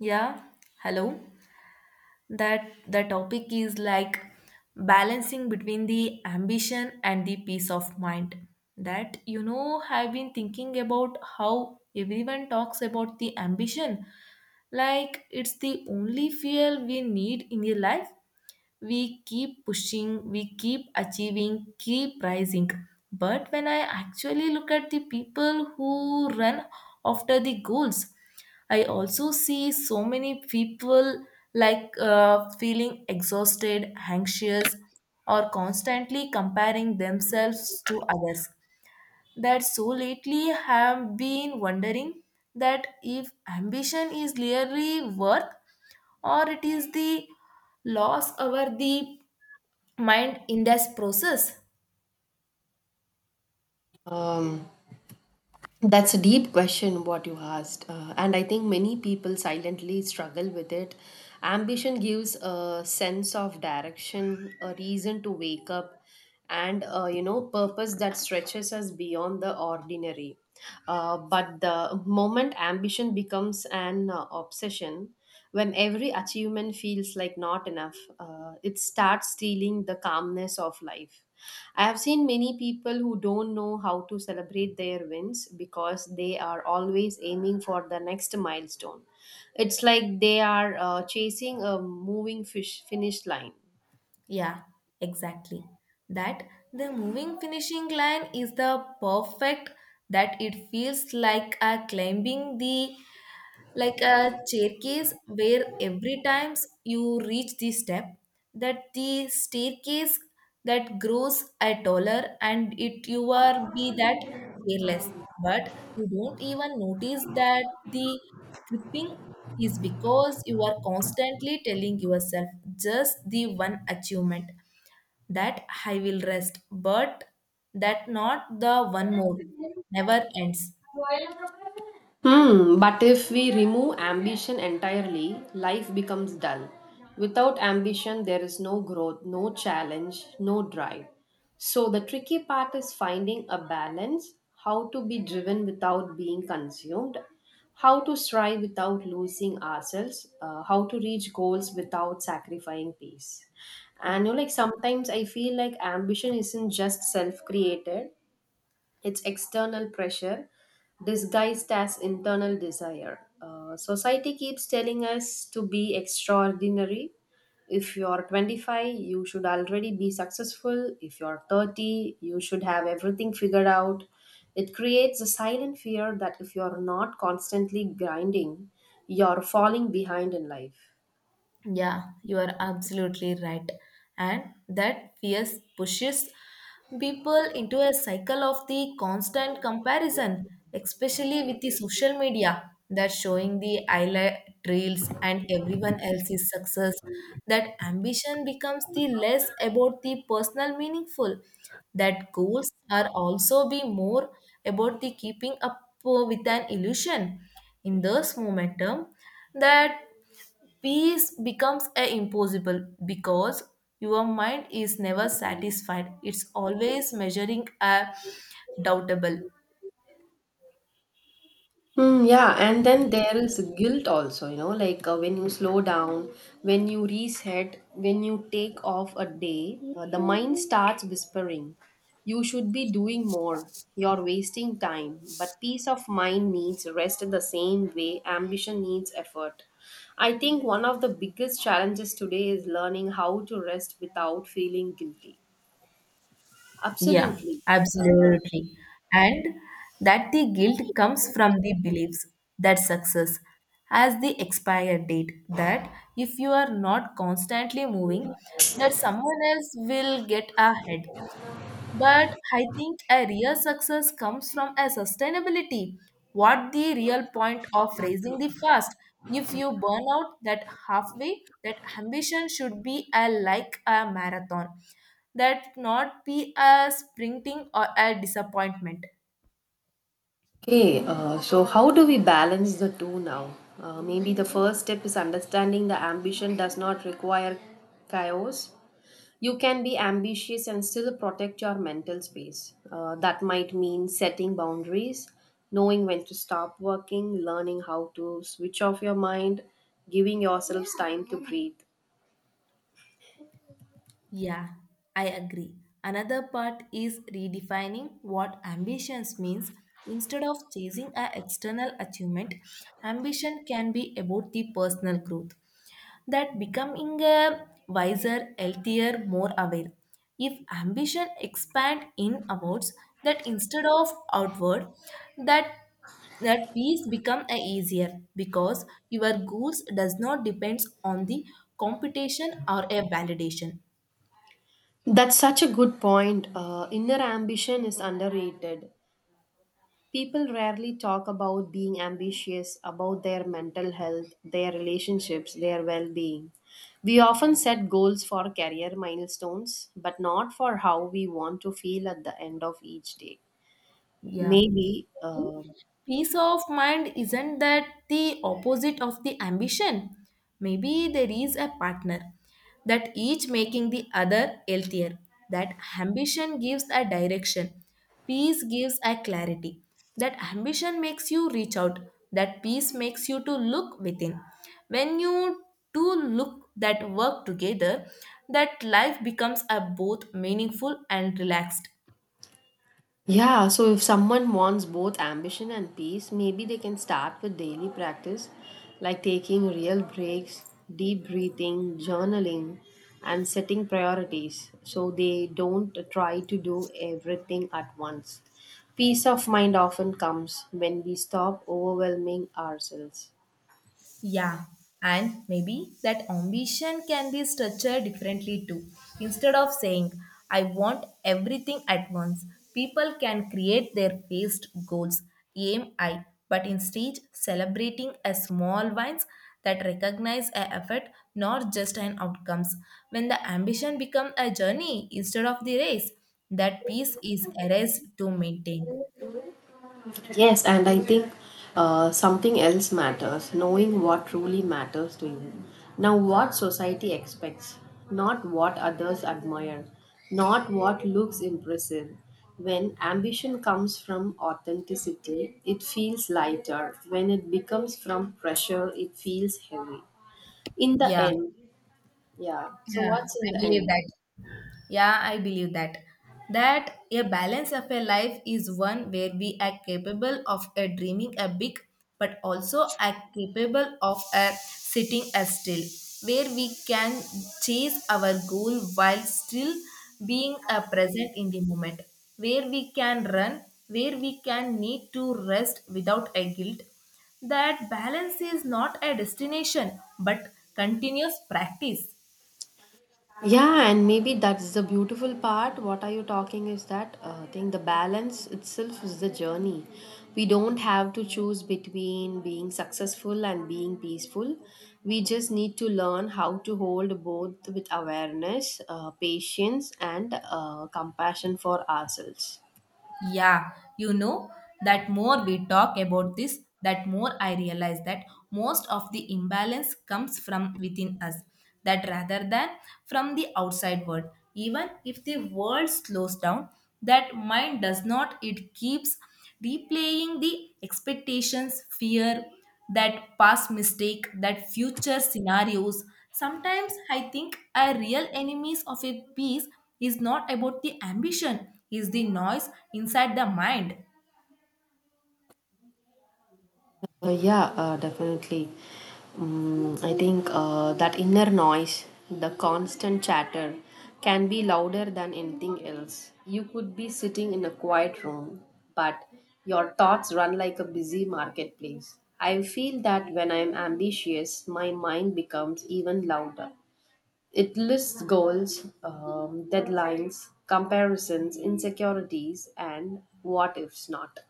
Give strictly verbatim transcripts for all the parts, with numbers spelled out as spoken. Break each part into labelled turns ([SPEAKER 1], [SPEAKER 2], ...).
[SPEAKER 1] Yeah, hello. That the topic is like balancing between the ambition and the peace of mind. That you know, I've been thinking about how everyone talks about the ambition like it's the only fuel we need in your life, we keep pushing, we keep achieving, keep rising. But when I actually look at the people who run after the goals, I also see so many people like uh, feeling exhausted, anxious, or constantly comparing themselves to others. That so lately have been wondering that if ambition is really worth or it is the loss over the mind in this process.
[SPEAKER 2] Um, that's a deep question, what you asked. Uh, and I think many people silently struggle with it. Ambition gives a sense of direction, a reason to wake up, and, uh, you know, purpose that stretches us beyond the ordinary. Uh, but the moment ambition becomes an uh, obsession, when every achievement feels like not enough, uh, it starts stealing the calmness of life. I have seen many people who don't know how to celebrate their wins because they are always aiming for the next milestone. It's like they are uh, chasing a moving fish finish line.
[SPEAKER 1] Yeah, exactly. That the moving finishing line is the perfect, that it feels like a climbing the, like a staircase where every times you reach the step, that the staircase that grows a taller and it you are be that careless, but you don't even notice that the creeping is because you are constantly telling yourself just the one achievement that I will rest, but that not the one more never ends.
[SPEAKER 2] Hmm, but if we remove ambition entirely, life becomes dull. Without ambition, there is no growth, no challenge, no drive. So, the tricky part is finding a balance, how to be driven without being consumed, how to strive without losing ourselves, uh, how to reach goals without sacrificing peace. And you know, like sometimes I feel like ambition isn't just self created, it's external pressure disguised as internal desire. Uh, society keeps telling us to be extraordinary. If you're twenty-five, you should already be successful. If you're thirty, you should have everything figured out. It creates a silent fear that if you're not constantly grinding, you're falling behind in life.
[SPEAKER 1] Yeah, you are absolutely right. And that fear pushes people into a cycle of the constant comparison, especially with the social media that showing the highlight reels and everyone else's success. That ambition becomes the less about the personal meaningful. That goals are also be more about the keeping up, uh, with an illusion. In this momentum, that peace becomes a impossible because your mind is never satisfied. It's always measuring a doubtable.
[SPEAKER 2] Mm, yeah, and then there is guilt also, you know, like uh, when you slow down, when you reset, when you take off a day, uh, the mind starts whispering, you should be doing more, you're wasting time. But peace of mind needs rest in the same way ambition needs effort. I think one of the biggest challenges today is learning how to rest without feeling guilty.
[SPEAKER 1] Yeah,
[SPEAKER 2] Absolutely.
[SPEAKER 1] absolutely. And that the guilt comes from the beliefs that success has the expired date. That if you are not constantly moving, that someone else will get ahead. But I think a real success comes from a sustainability. What the real point of raising the fast if you burn out that halfway? That ambition should be a like a marathon, that not be a sprinting or a disappointment.
[SPEAKER 2] Okay, uh, so how do we balance the two now? Uh, maybe the first step is understanding the ambition does not require chaos. You can be ambitious and still protect your mental space. Uh, that might mean setting boundaries, knowing when to stop working, learning how to switch off your mind, giving yourself time to breathe.
[SPEAKER 1] Yeah, I agree. Another part is redefining what ambitions means. Instead of chasing an external achievement, ambition can be about the personal growth. That becoming a wiser, healthier, more aware. If ambition expand in outwards, that instead of outward, that that peace become a easier because your goals does not depends on the competition or a validation.
[SPEAKER 2] That's such a good point. Uh, inner ambition is underrated. People rarely talk about being ambitious, about their mental health, their relationships, their well being. We often set goals for career milestones, but not for how we want to feel at the end of each day.
[SPEAKER 1] Yeah.
[SPEAKER 2] Maybe uh,
[SPEAKER 1] Peace of mind isn't that the opposite of the ambition? Maybe there is a partner that each making the other healthier. That ambition gives a direction. Peace gives a clarity. That ambition makes you reach out. That peace makes you to look within. When you two look that work together, that life becomes a both meaningful and relaxed.
[SPEAKER 2] Yeah, so if someone wants both ambition and peace, maybe they can start with daily practice like taking real breaks, deep breathing, journaling, and setting priorities so they don't try to do everything at once. Peace of mind often comes when we stop overwhelming ourselves.
[SPEAKER 1] Yeah, and maybe that ambition can be structured differently too. Instead of saying, I want everything at once, people can create their phased goals, aim I, but instead celebrating a small wins that recognize a effort, not just an outcomes. When the ambition becomes a journey instead of the race, that peace is a race to maintain.
[SPEAKER 2] Yes, and I think uh, something else matters, knowing what truly matters to you. Now, what society expects, not what others admire, not what looks impressive. When ambition comes from authenticity, it feels lighter. When it becomes from pressure, it feels heavy. In the
[SPEAKER 1] Yeah,
[SPEAKER 2] end, yeah. So,
[SPEAKER 1] yeah,
[SPEAKER 2] what's in
[SPEAKER 1] I
[SPEAKER 2] the
[SPEAKER 1] believe
[SPEAKER 2] end?
[SPEAKER 1] that. Yeah, I believe that. That a balance of a life is one where we are capable of a dreaming a big, but also are capable of a sitting a still, where we can chase our goal while still being a present in the moment, where we can run, where we can need to rest without a guilt. That balance is not a destination, but continuous practice.
[SPEAKER 2] Yeah, and maybe that's the beautiful part, what are you talking is that uh, thing the balance itself is the journey. We don't have to choose between being successful and being peaceful. We just need to learn how to hold both with awareness, uh, patience, and uh, compassion for ourselves.
[SPEAKER 1] Yeah, you know, that more we talk about this, that more I realize that most of the imbalance comes from within us, that rather than from the outside world. Even if the world slows down, that mind does not, it keeps replaying the expectations, fear, that past mistake, that future scenarios. Sometimes I think a real enemies of a peace is not about the ambition, is the noise inside the mind.
[SPEAKER 2] Uh, yeah, uh, definitely. Um, I think uh, that inner noise, the constant chatter, can be louder than anything else. You could be sitting in a quiet room, but your thoughts run like a busy marketplace. I feel that when I'm ambitious, my mind becomes even louder. It lists goals, um, deadlines, comparisons, insecurities, and what ifs not.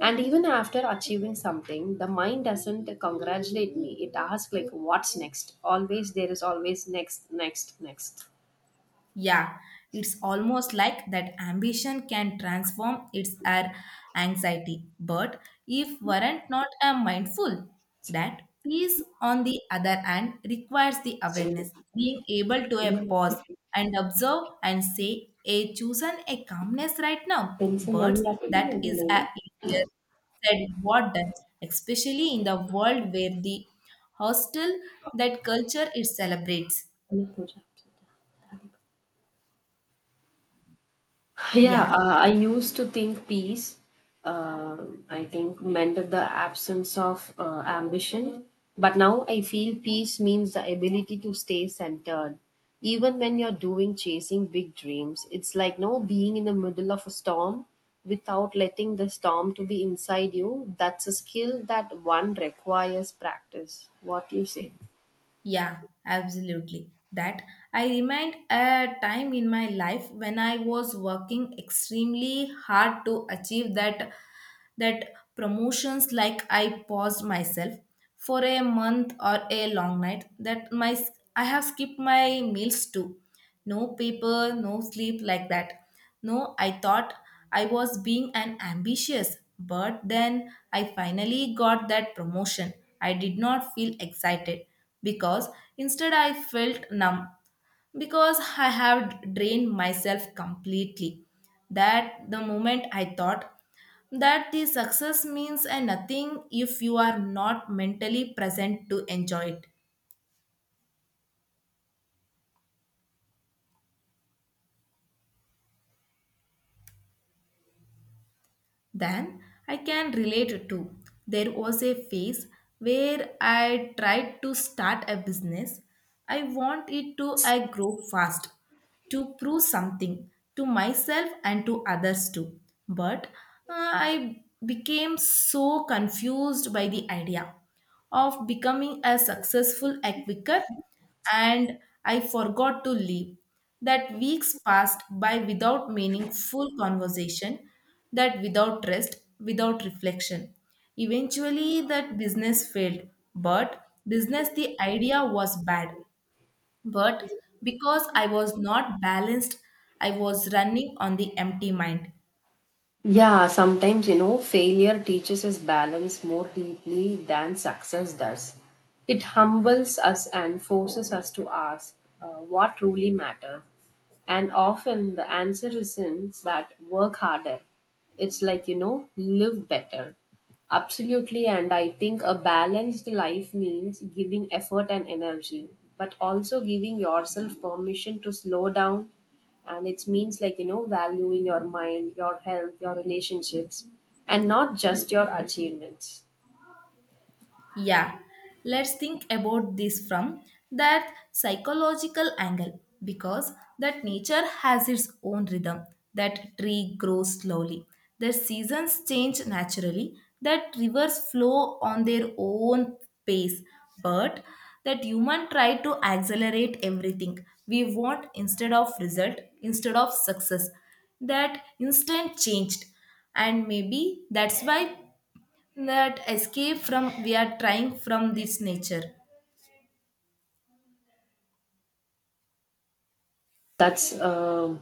[SPEAKER 2] And even after achieving something, the mind doesn't congratulate me. It asks, like, what's next? Always, there is always next, next, next.
[SPEAKER 1] Yeah, it's almost like that ambition can transform its our anxiety. But if weren't not a mindful, that peace on the other hand requires the
[SPEAKER 2] And,
[SPEAKER 1] awareness, being able to a
[SPEAKER 2] um,
[SPEAKER 1] pause and observe and say a chosen a calmness right now.
[SPEAKER 2] Pencil నవ్వు
[SPEAKER 1] But
[SPEAKER 2] రాకపోతే
[SPEAKER 1] that
[SPEAKER 2] నాకు
[SPEAKER 1] is
[SPEAKER 2] నేను
[SPEAKER 1] a easier said what done, especially in the world where the hostile that culture it celebrates.
[SPEAKER 2] అన్న పూజ. Yeah,
[SPEAKER 1] Yeah.
[SPEAKER 2] uh, I used to think peace, um I think, meant the absence of uh, ambition. But now I feel peace means the ability to stay centered. Even when you're doing chasing big dreams, it's like no being in the middle of a storm without letting the storm to be inside you. That's a skill that one requires practice. What do you say?
[SPEAKER 1] Yeah, absolutely. That I remind a time in my life when I was working extremely hard to achieve that that promotions like I paused myself for a month or a long night that my I have skipped my meals too. No paper, no sleep like that. No, I thought I was being an ambitious, but then I finally got that promotion. I did not feel excited because instead I felt numb because I have drained myself completely. That the moment I thought that the success means a nothing if you are not mentally present to enjoy it, then I can relate to. There was a phase where I tried to start a business. I want it to I grow fast to prove something to myself and to others too. But uh, I became so confused by the idea of becoming a successful acquicker and I forgot to leave. That weeks passed by without meaningful conversation, that without rest, without reflection. Eventually, that business failed, but business the idea was bad but because I was not balanced, I was running on the empty mind.
[SPEAKER 2] Yeah, sometimes, you know, failure teaches us balance more deeply than success does. It humbles us and forces us to ask uh, what truly matters. And often the answer isn't that work harder. It's like, you know, live better. Absolutely. And I think a balanced life means giving effort and energy, but also giving yourself permission to slow down, and it means, like, you know, valuing your mind, your health, your relationships, and not just your achievements.
[SPEAKER 1] Yeah, let's think about this from that psychological angle because that nature has its own rhythm. That tree grows slowly. The seasons change naturally. That rivers flow on their own pace. But that human try to accelerate everything. We want instead of result, instead of success. That instant changed. And maybe that's why that escape from we are trying from this nature.
[SPEAKER 2] That's a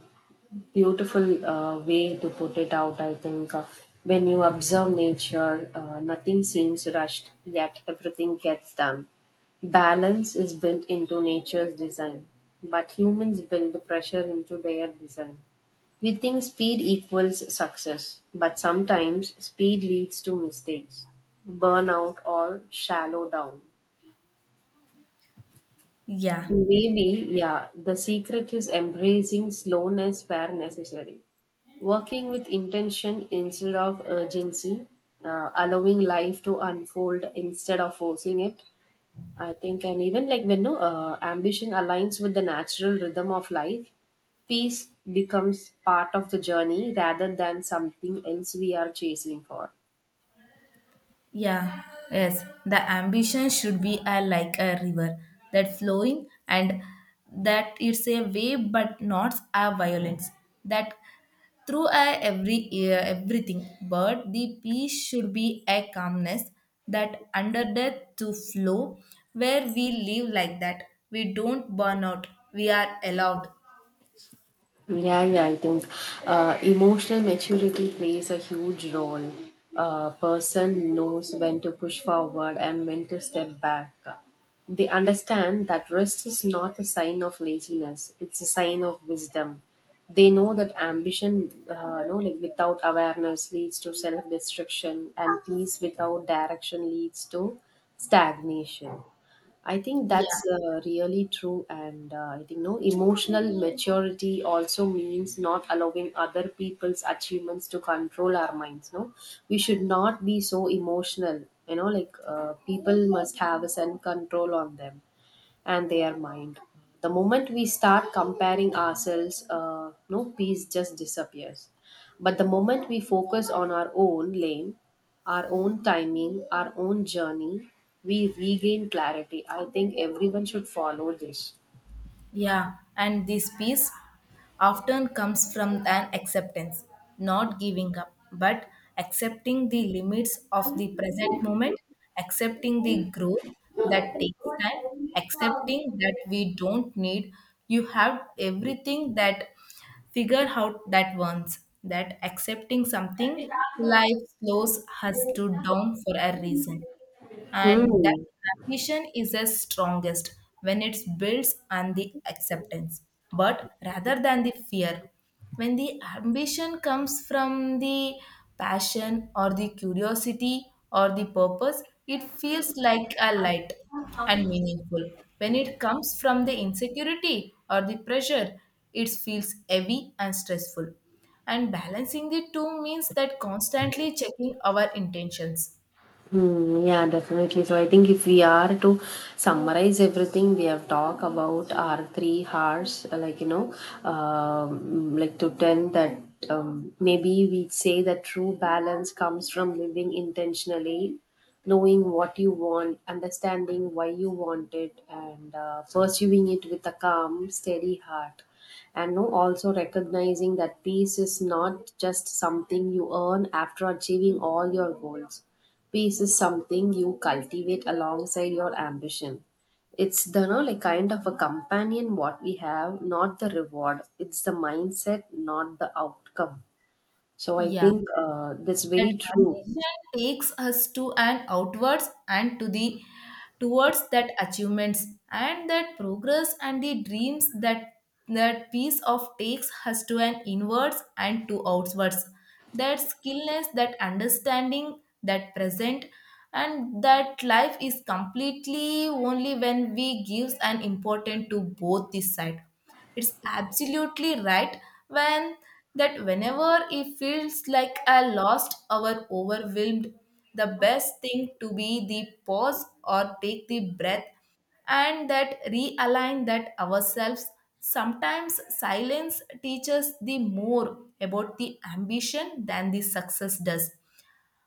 [SPEAKER 2] beautiful uh, way to put it out. I think uh, when you observe nature, uh, nothing seems rushed yet everything gets done. Balance is built into nature's design, but humans build pressure into their design. We think speed equals success, but sometimes speed leads to mistakes, burnout, or shallow down.
[SPEAKER 1] Yeah.
[SPEAKER 2] Maybe, yeah, the secret is embracing slowness where necessary, working with intention instead of urgency, uh, allowing life to unfold instead of forcing it, I think, and even like when no uh, ambition aligns with the natural rhythm of life, peace becomes part of the journey rather than something else we are chasing for.
[SPEAKER 1] Yeah, yes the ambition should be a, like a river that flowing and that it's a wave but not a violence, that through a every, uh, everything, but the peace should be a calmness that under death to flow where we live like that we don't burn out, we are allowed.
[SPEAKER 2] Yeah, yeah, I think uh, emotional maturity plays a huge role. A person knows when to push forward and when to step back. They understand that rest is not a sign of laziness, it's a sign of wisdom. They know that ambition, uh, no, like without awareness, leads to self destruction, and peace without direction leads to stagnation. I think that's
[SPEAKER 1] Yeah.
[SPEAKER 2] uh, really true, and uh, I think no emotional maturity also means not allowing other people's achievements to control our minds. No, we should not be so emotional. You know, like uh, people must have a self control on them and their mind. The moment we start comparing ourselves, uh, no peace just disappears. But the moment we focus on our own lane, our own timing, our own journey, we regain clarity. I think everyone should follow this.
[SPEAKER 1] Yeah, and this peace often comes from an acceptance, not giving up, but accepting the limits of the present moment, accepting the growth that takes time, accepting that we don't need you have everything that figure out that once, that accepting something life slows us to down for a reason. And that
[SPEAKER 2] Hmm.
[SPEAKER 1] ambition is the strongest when it builds on the acceptance but rather than the fear. When the ambition comes from the passion or the curiosity or the purpose, it feels like a light and meaningful. When it comes from the insecurity or the pressure, it feels heavy and stressful. And balancing the two means that constantly checking our intentions.
[SPEAKER 2] Hmm, yeah, definitely. So I think if we are to summarize everything we have talked about our three hearts, uh, like you know, um, like to ten that um, maybe we say that true balance comes from living intentionally, knowing what you want, understanding why you want it, and uh, pursuing it with a calm, steady heart, and no also recognizing that peace is not just something you earn after achieving all your goals. Peace is something you cultivate alongside your ambition. It's the no, like kind of a companion what we have, not the reward. It's the mindset, not the outcome. So I
[SPEAKER 1] Yeah.
[SPEAKER 2] think uh, that's very
[SPEAKER 1] That
[SPEAKER 2] true.
[SPEAKER 1] ambition takes us to and outwards and to the towards that achievements and that progress and the dreams, that that piece of takes us to an inwards and to outwards. That skillness, that understanding, that present. And that life is completely only when we gives an important to both this side. It's absolutely right. When that whenever it feels like I lost or overwhelmed, the best thing to be the pause or take the breath and that realign that ourselves. Sometimes silence teaches the more about the ambition than the success does.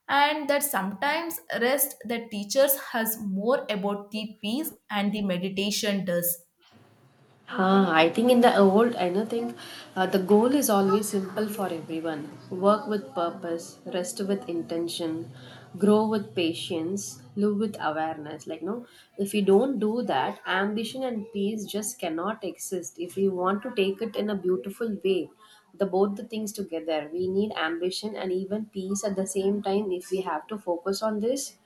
[SPEAKER 1] And that sometimes rest that teaches has more about the peace and the meditation does.
[SPEAKER 2] Huh? I think in the old, I know think uh, the goal is always simple for everyone. Work with purpose, rest with intention, grow with patience, live with awareness. Like no, if you don't do that, ambition and peace just cannot exist. If we want to take it in a beautiful way, the both the things together, we need ambition and even peace at the same time. If we have to focus on this,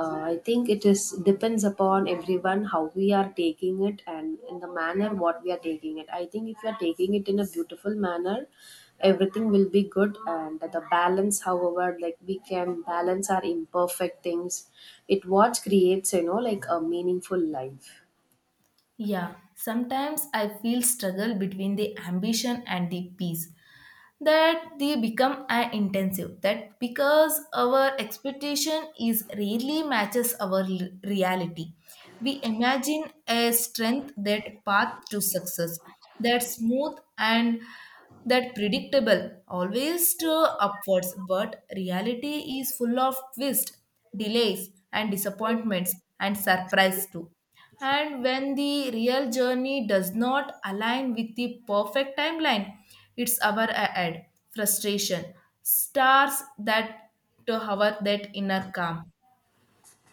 [SPEAKER 2] uh, I think it is depends upon everyone how we are taking it and in the manner what we are taking it. I think if you are taking it in a beautiful manner, everything will be good, and the balance, however, like we can balance our imperfect things, it what creates, you know, like a meaningful life.
[SPEAKER 1] Yeah, sometimes I feel struggle between the ambition and the peace that they become an intensive that because our expectation is rarely matches our l- reality. We imagine a strength that path to success, that smooth and that predictable always to upwards, but reality is full of twists, delays and disappointments and surprise too. And when the real journey does not align with the perfect timeline, it's our a- ad frustration, stars that to hover that inner calm.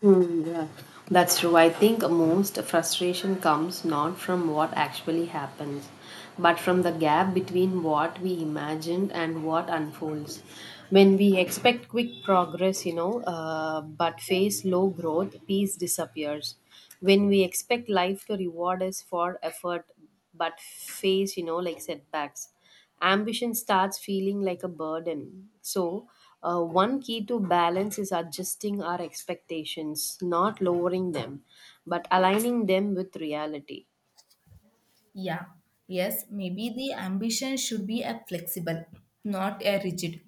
[SPEAKER 2] Hmm, yeah, that's true. I think most frustration comes not from what actually happens, but from the gap between what we imagined and what unfolds. When we expect quick progress, you know, uh, but face low growth, peace disappears. When we expect life to reward us for effort, but face, you know, like setbacks, ambition starts feeling like a burden. So, uh, one key to balance is adjusting our expectations, not lowering them, but aligning them with reality.
[SPEAKER 1] Yeah, yes, maybe the ambition should be a flexible, not a rigid.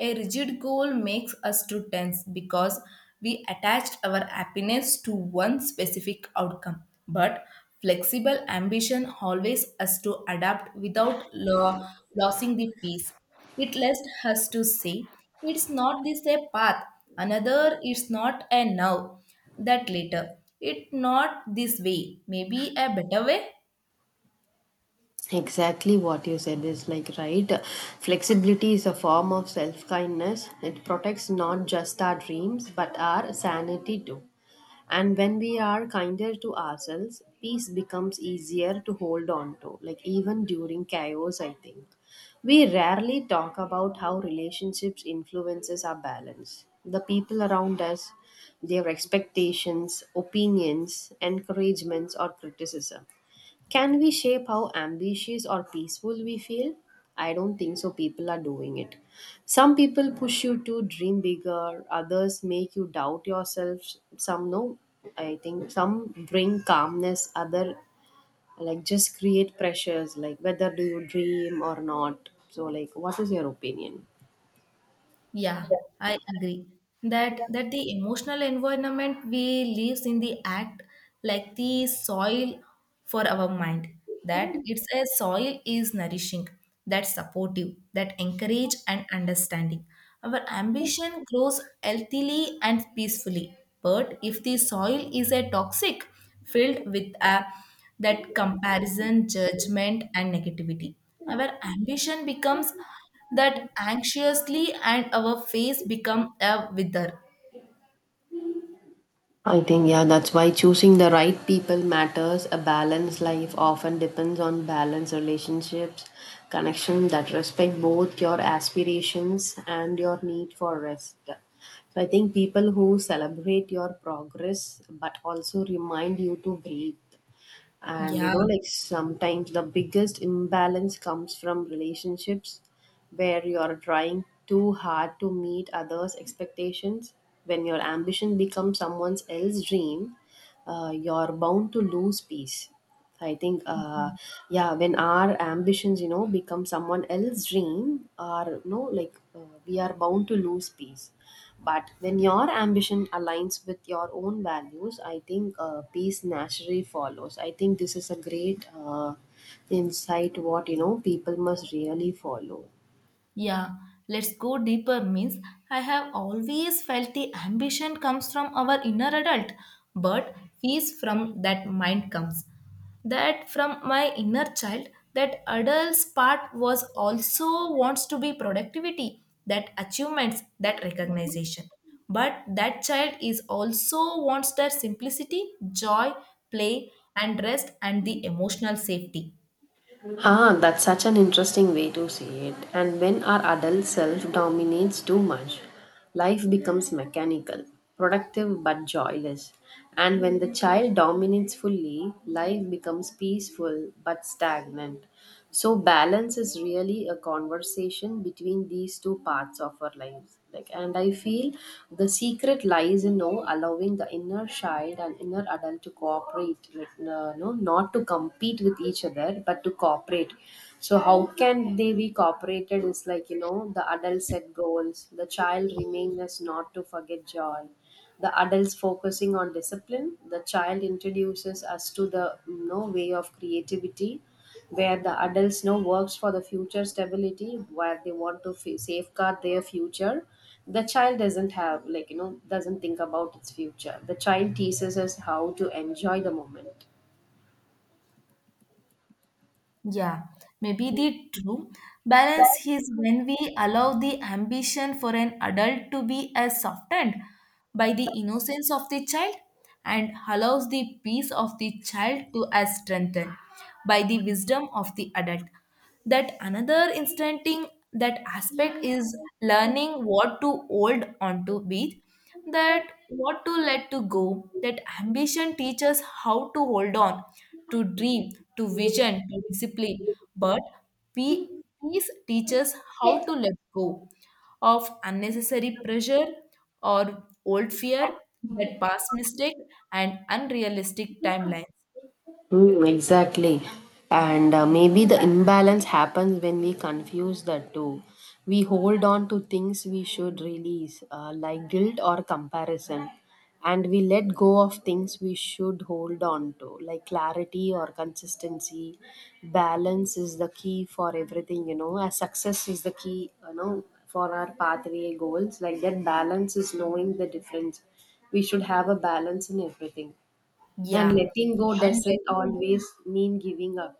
[SPEAKER 1] A rigid goal makes us too tense because we attached our happiness to one specific outcome. But flexible ambition always us to adapt without lo- losing the peace. It lets us to say it's not this a path, another it's not a now, that later. It not this way, maybe a better way.
[SPEAKER 2] Exactly what you said is like right. Flexibility is a form of self kindness. It protects not just our dreams but our sanity too. And when we are kinder to ourselves, peace becomes easier to hold on to, like even during chaos, I think. We rarely talk about how relationships influences our balance. The people around us, their expectations, opinions, encouragements or criticism. Can we shape how ambitious or peaceful we feel? I don't think so. People are doing it. Some people push you to dream bigger, others make you doubt yourself. Some no, I think some bring calmness, other like just create pressures like whether do you dream or not. So, like, what is your opinion?
[SPEAKER 1] Yeah, I agree that that the emotional environment we lives in the act like the soil for our mind, that it's a soil is nourishing, that supportive, that encourage and understanding our ambition grows healthily and peacefully. But if the soil is a toxic, filled with a that comparison, judgment, and negativity. Our ambition becomes that anxiously, and our face become a wither.
[SPEAKER 2] I think, yeah, that's why choosing the right people matters. A balanced life often depends on balanced relationships, connection that respect both your aspirations and your need for rest. So I think people who celebrate your progress but also remind you to breathe. And you
[SPEAKER 1] Yeah.
[SPEAKER 2] know, like, sometimes the biggest imbalance comes from relationships where you are trying too hard to meet others expectations. When your ambition becomes someone else's dream, uh, you're bound to lose peace. I think, uh, yeah, when our ambitions, you know, become someone else's dream, or no, like uh, we are bound to lose peace. But when your ambition aligns with your own values, I think uh, peace naturally follows. I think this is a great uh, insight. What you know, people must really follow.
[SPEAKER 1] Yeah, let's go deeper means I have always felt the ambition comes from our inner adult, but fees from that mind comes. That from my inner child, that adult's part was also wants to be productivity, that achievements, that recognition. But that child is also wants their simplicity, joy, play, and rest and the emotional safety.
[SPEAKER 2] Ah, that's such an interesting way to see it. And when our adult self dominates too much, life becomes mechanical, productive but joyless. And when the child dominates fully, life becomes peaceful but stagnant. So balance is really a conversation between these two parts of our lives. Like, and I feel the secret lies in no allowing the inner child and inner adult to cooperate, like no, no, not to compete with each other, but to cooperate. So how can they be cooperated? Is like, you know, the adult set goals, the child remains as not to forget joy. The adults focusing on discipline, the child introduces us to the, you know, way of creativity. Where the adults know works for the future stability, where they want to f- safeguard their future. The child doesn't have, like, you know, doesn't think about its future. The child teaches us how to enjoy the moment.
[SPEAKER 1] Yeah, maybe the true balance is when we allow the ambition for an adult to be as softened by the innocence of the child and allows the peace of the child to as strengthened by the wisdom of the adult. That another instanting that aspect is learning what to hold on to with that what to let to go. That ambition teaches how to hold on to dream, to vision, to discipline. But pe- peace teaches how to let go of unnecessary pressure or old fear, that past mistake and unrealistic timelines.
[SPEAKER 2] Mm, exactly. And uh, maybe the imbalance happens when we confuse the two. We hold on to things we should release, uh, like guilt or comparison, and we let go of things we should hold on to, like clarity or consistency. Balance is the key for everything, you know, as success is the key, you know, for our pathway goals. Like that balance is knowing the difference. We should have a balance in everything, and
[SPEAKER 1] Yeah,
[SPEAKER 2] letting go
[SPEAKER 1] and
[SPEAKER 2] doesn't
[SPEAKER 1] letting.
[SPEAKER 2] always mean giving up.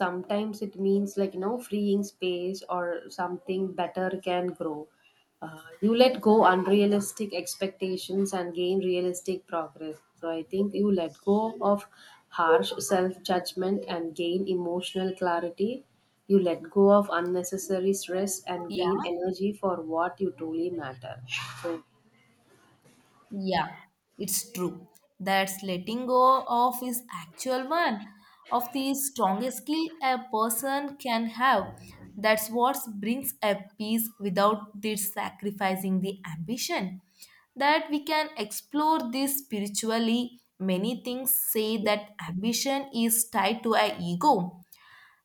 [SPEAKER 2] Sometimes it means, like, you know, freeing space or something better can grow. Uh, you let go unrealistic expectations and gain realistic progress. So I think you let go of harsh self judgment and gain emotional clarity. You let go of unnecessary stress and gain
[SPEAKER 1] Yeah.
[SPEAKER 2] energy for what you truly matter. So
[SPEAKER 1] Yeah, it's true. That's letting go of is actual one of the strongest skill a person can have. That's what brings a peace without this sacrificing the ambition. That we can explore this spiritually. Many things say that ambition is tied to our ego,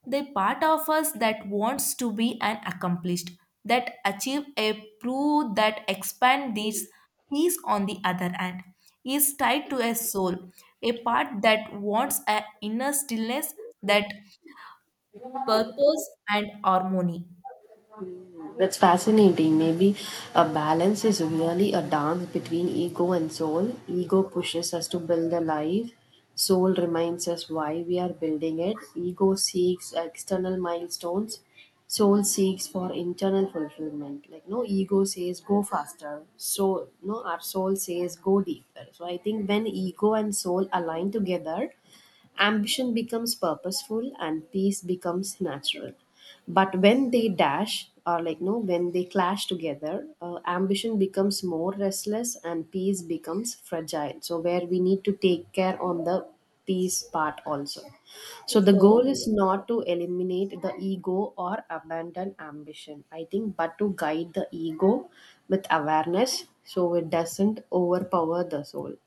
[SPEAKER 1] the part of us that wants to be an accomplished, that achieve a prove that expand these peace on the other hand, is tied to a soul, a part that wants an inner stillness, that purpose and harmony.
[SPEAKER 2] that's fascinating. Maybe a balance is really a dance between ego and soul. Ego pushes us to build a life, soul reminds us why we are building it. Ego seeks external milestones, soul seeks for internal fulfillment. Like no, ego says go faster, so no, our soul says go deeper. So I think when ego and soul align together, ambition becomes purposeful and peace becomes natural. But when they dash, or like no, when they clash together, uh, ambition becomes more restless and peace becomes fragile. So where we need to take care on the peace part also. So the
[SPEAKER 1] So.
[SPEAKER 2] goal is not to eliminate the ego or abandon ambition, I think, but to guide the ego with awareness so it doesn't overpower the soul.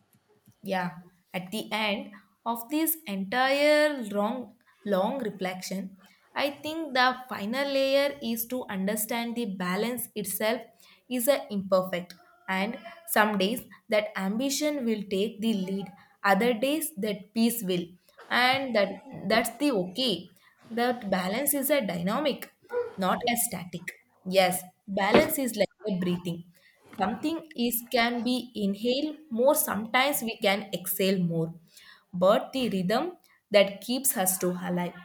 [SPEAKER 1] Yeah, at the end of this entire long, long reflection, I think the final layer is to understand the balance itself is a imperfect, and some days that ambition will take the lead, other days that peace will, and that that's the okay. That balance is a dynamic, not a static. Yes, balance is like a breathing something is can be inhale more sometimes we can exhale more, but the rhythm that keeps us to alive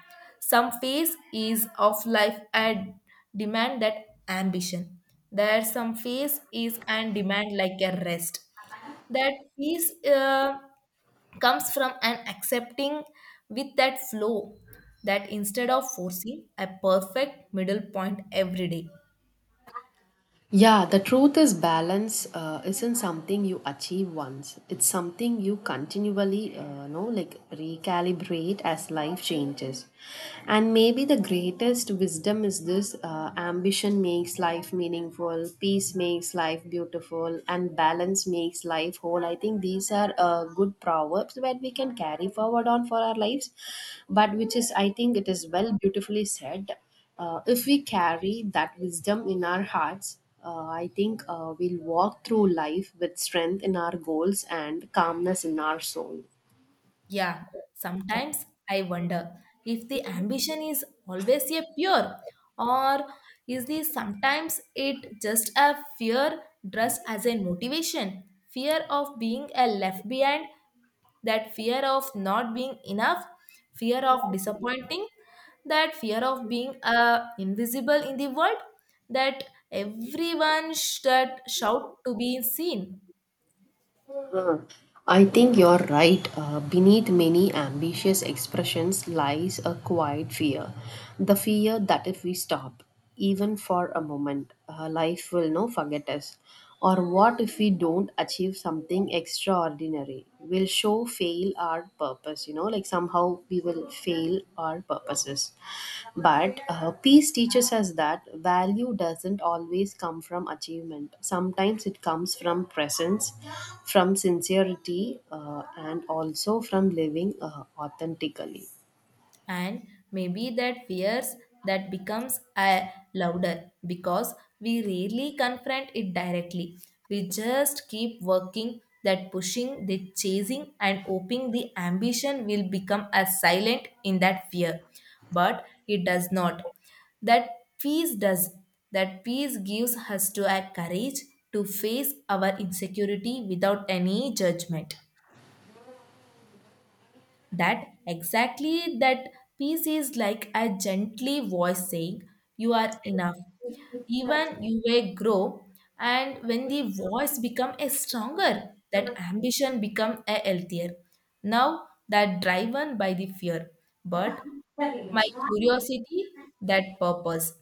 [SPEAKER 1] some phase is of life and demand that ambition. There some phase is and demand like a rest, that peace uh, comes from an accepting with that flow, that instead of forcing a perfect middle point every day.
[SPEAKER 2] Yeah, the truth is balance uh, isn't something you achieve once. It's something you continually, uh, know, like, recalibrate as life changes. And maybe the greatest wisdom is this: uh, ambition makes life meaningful, peace makes life beautiful, and balance makes life whole. I think these are uh, good proverbs that we can carry forward on for our lives. But which is, I think, it is well beautifully said. Uh, if we carry that wisdom in our hearts, uh, I think uh, we'll walk through life with strength in our goals and calmness in our soul.
[SPEAKER 1] Yeah, sometimes I wonder if the ambition is always a pure or is the sometimes it just a fear dressed as a motivation, fear of being a left behind, that fear of not being enough, fear of disappointing, that fear of being uh, invisible in the world, that everyone should shout to be seen.
[SPEAKER 2] Hmm. I think you're right. Uh, beneath many ambitious expressions lies a quiet fear. The fear that if we stop, even for a moment, uh, life will no forget us. Or what if we don't achieve something extraordinary? Will show fail fulfill our purpose, you know, like somehow we will fail our purposes. But uh, peace teaches us that value doesn't always come from achievement. Sometimes it comes from presence, from sincerity, uh, and also from living uh, authentically.
[SPEAKER 1] And maybe that fears that becomes uh, louder because we rarely confront it directly, we just keep working that pushing the chasing and hoping the ambition will become as silent in that fear. But it does not. That peace does. That peace gives us to a courage to face our insecurity without any judgment. That exactly that peace is like a gently voice saying, you are enough. Even you may grow, and when the voice become a stronger, that ambition become a healthier. Now that driven by the fear, but my curiosity, that purpose.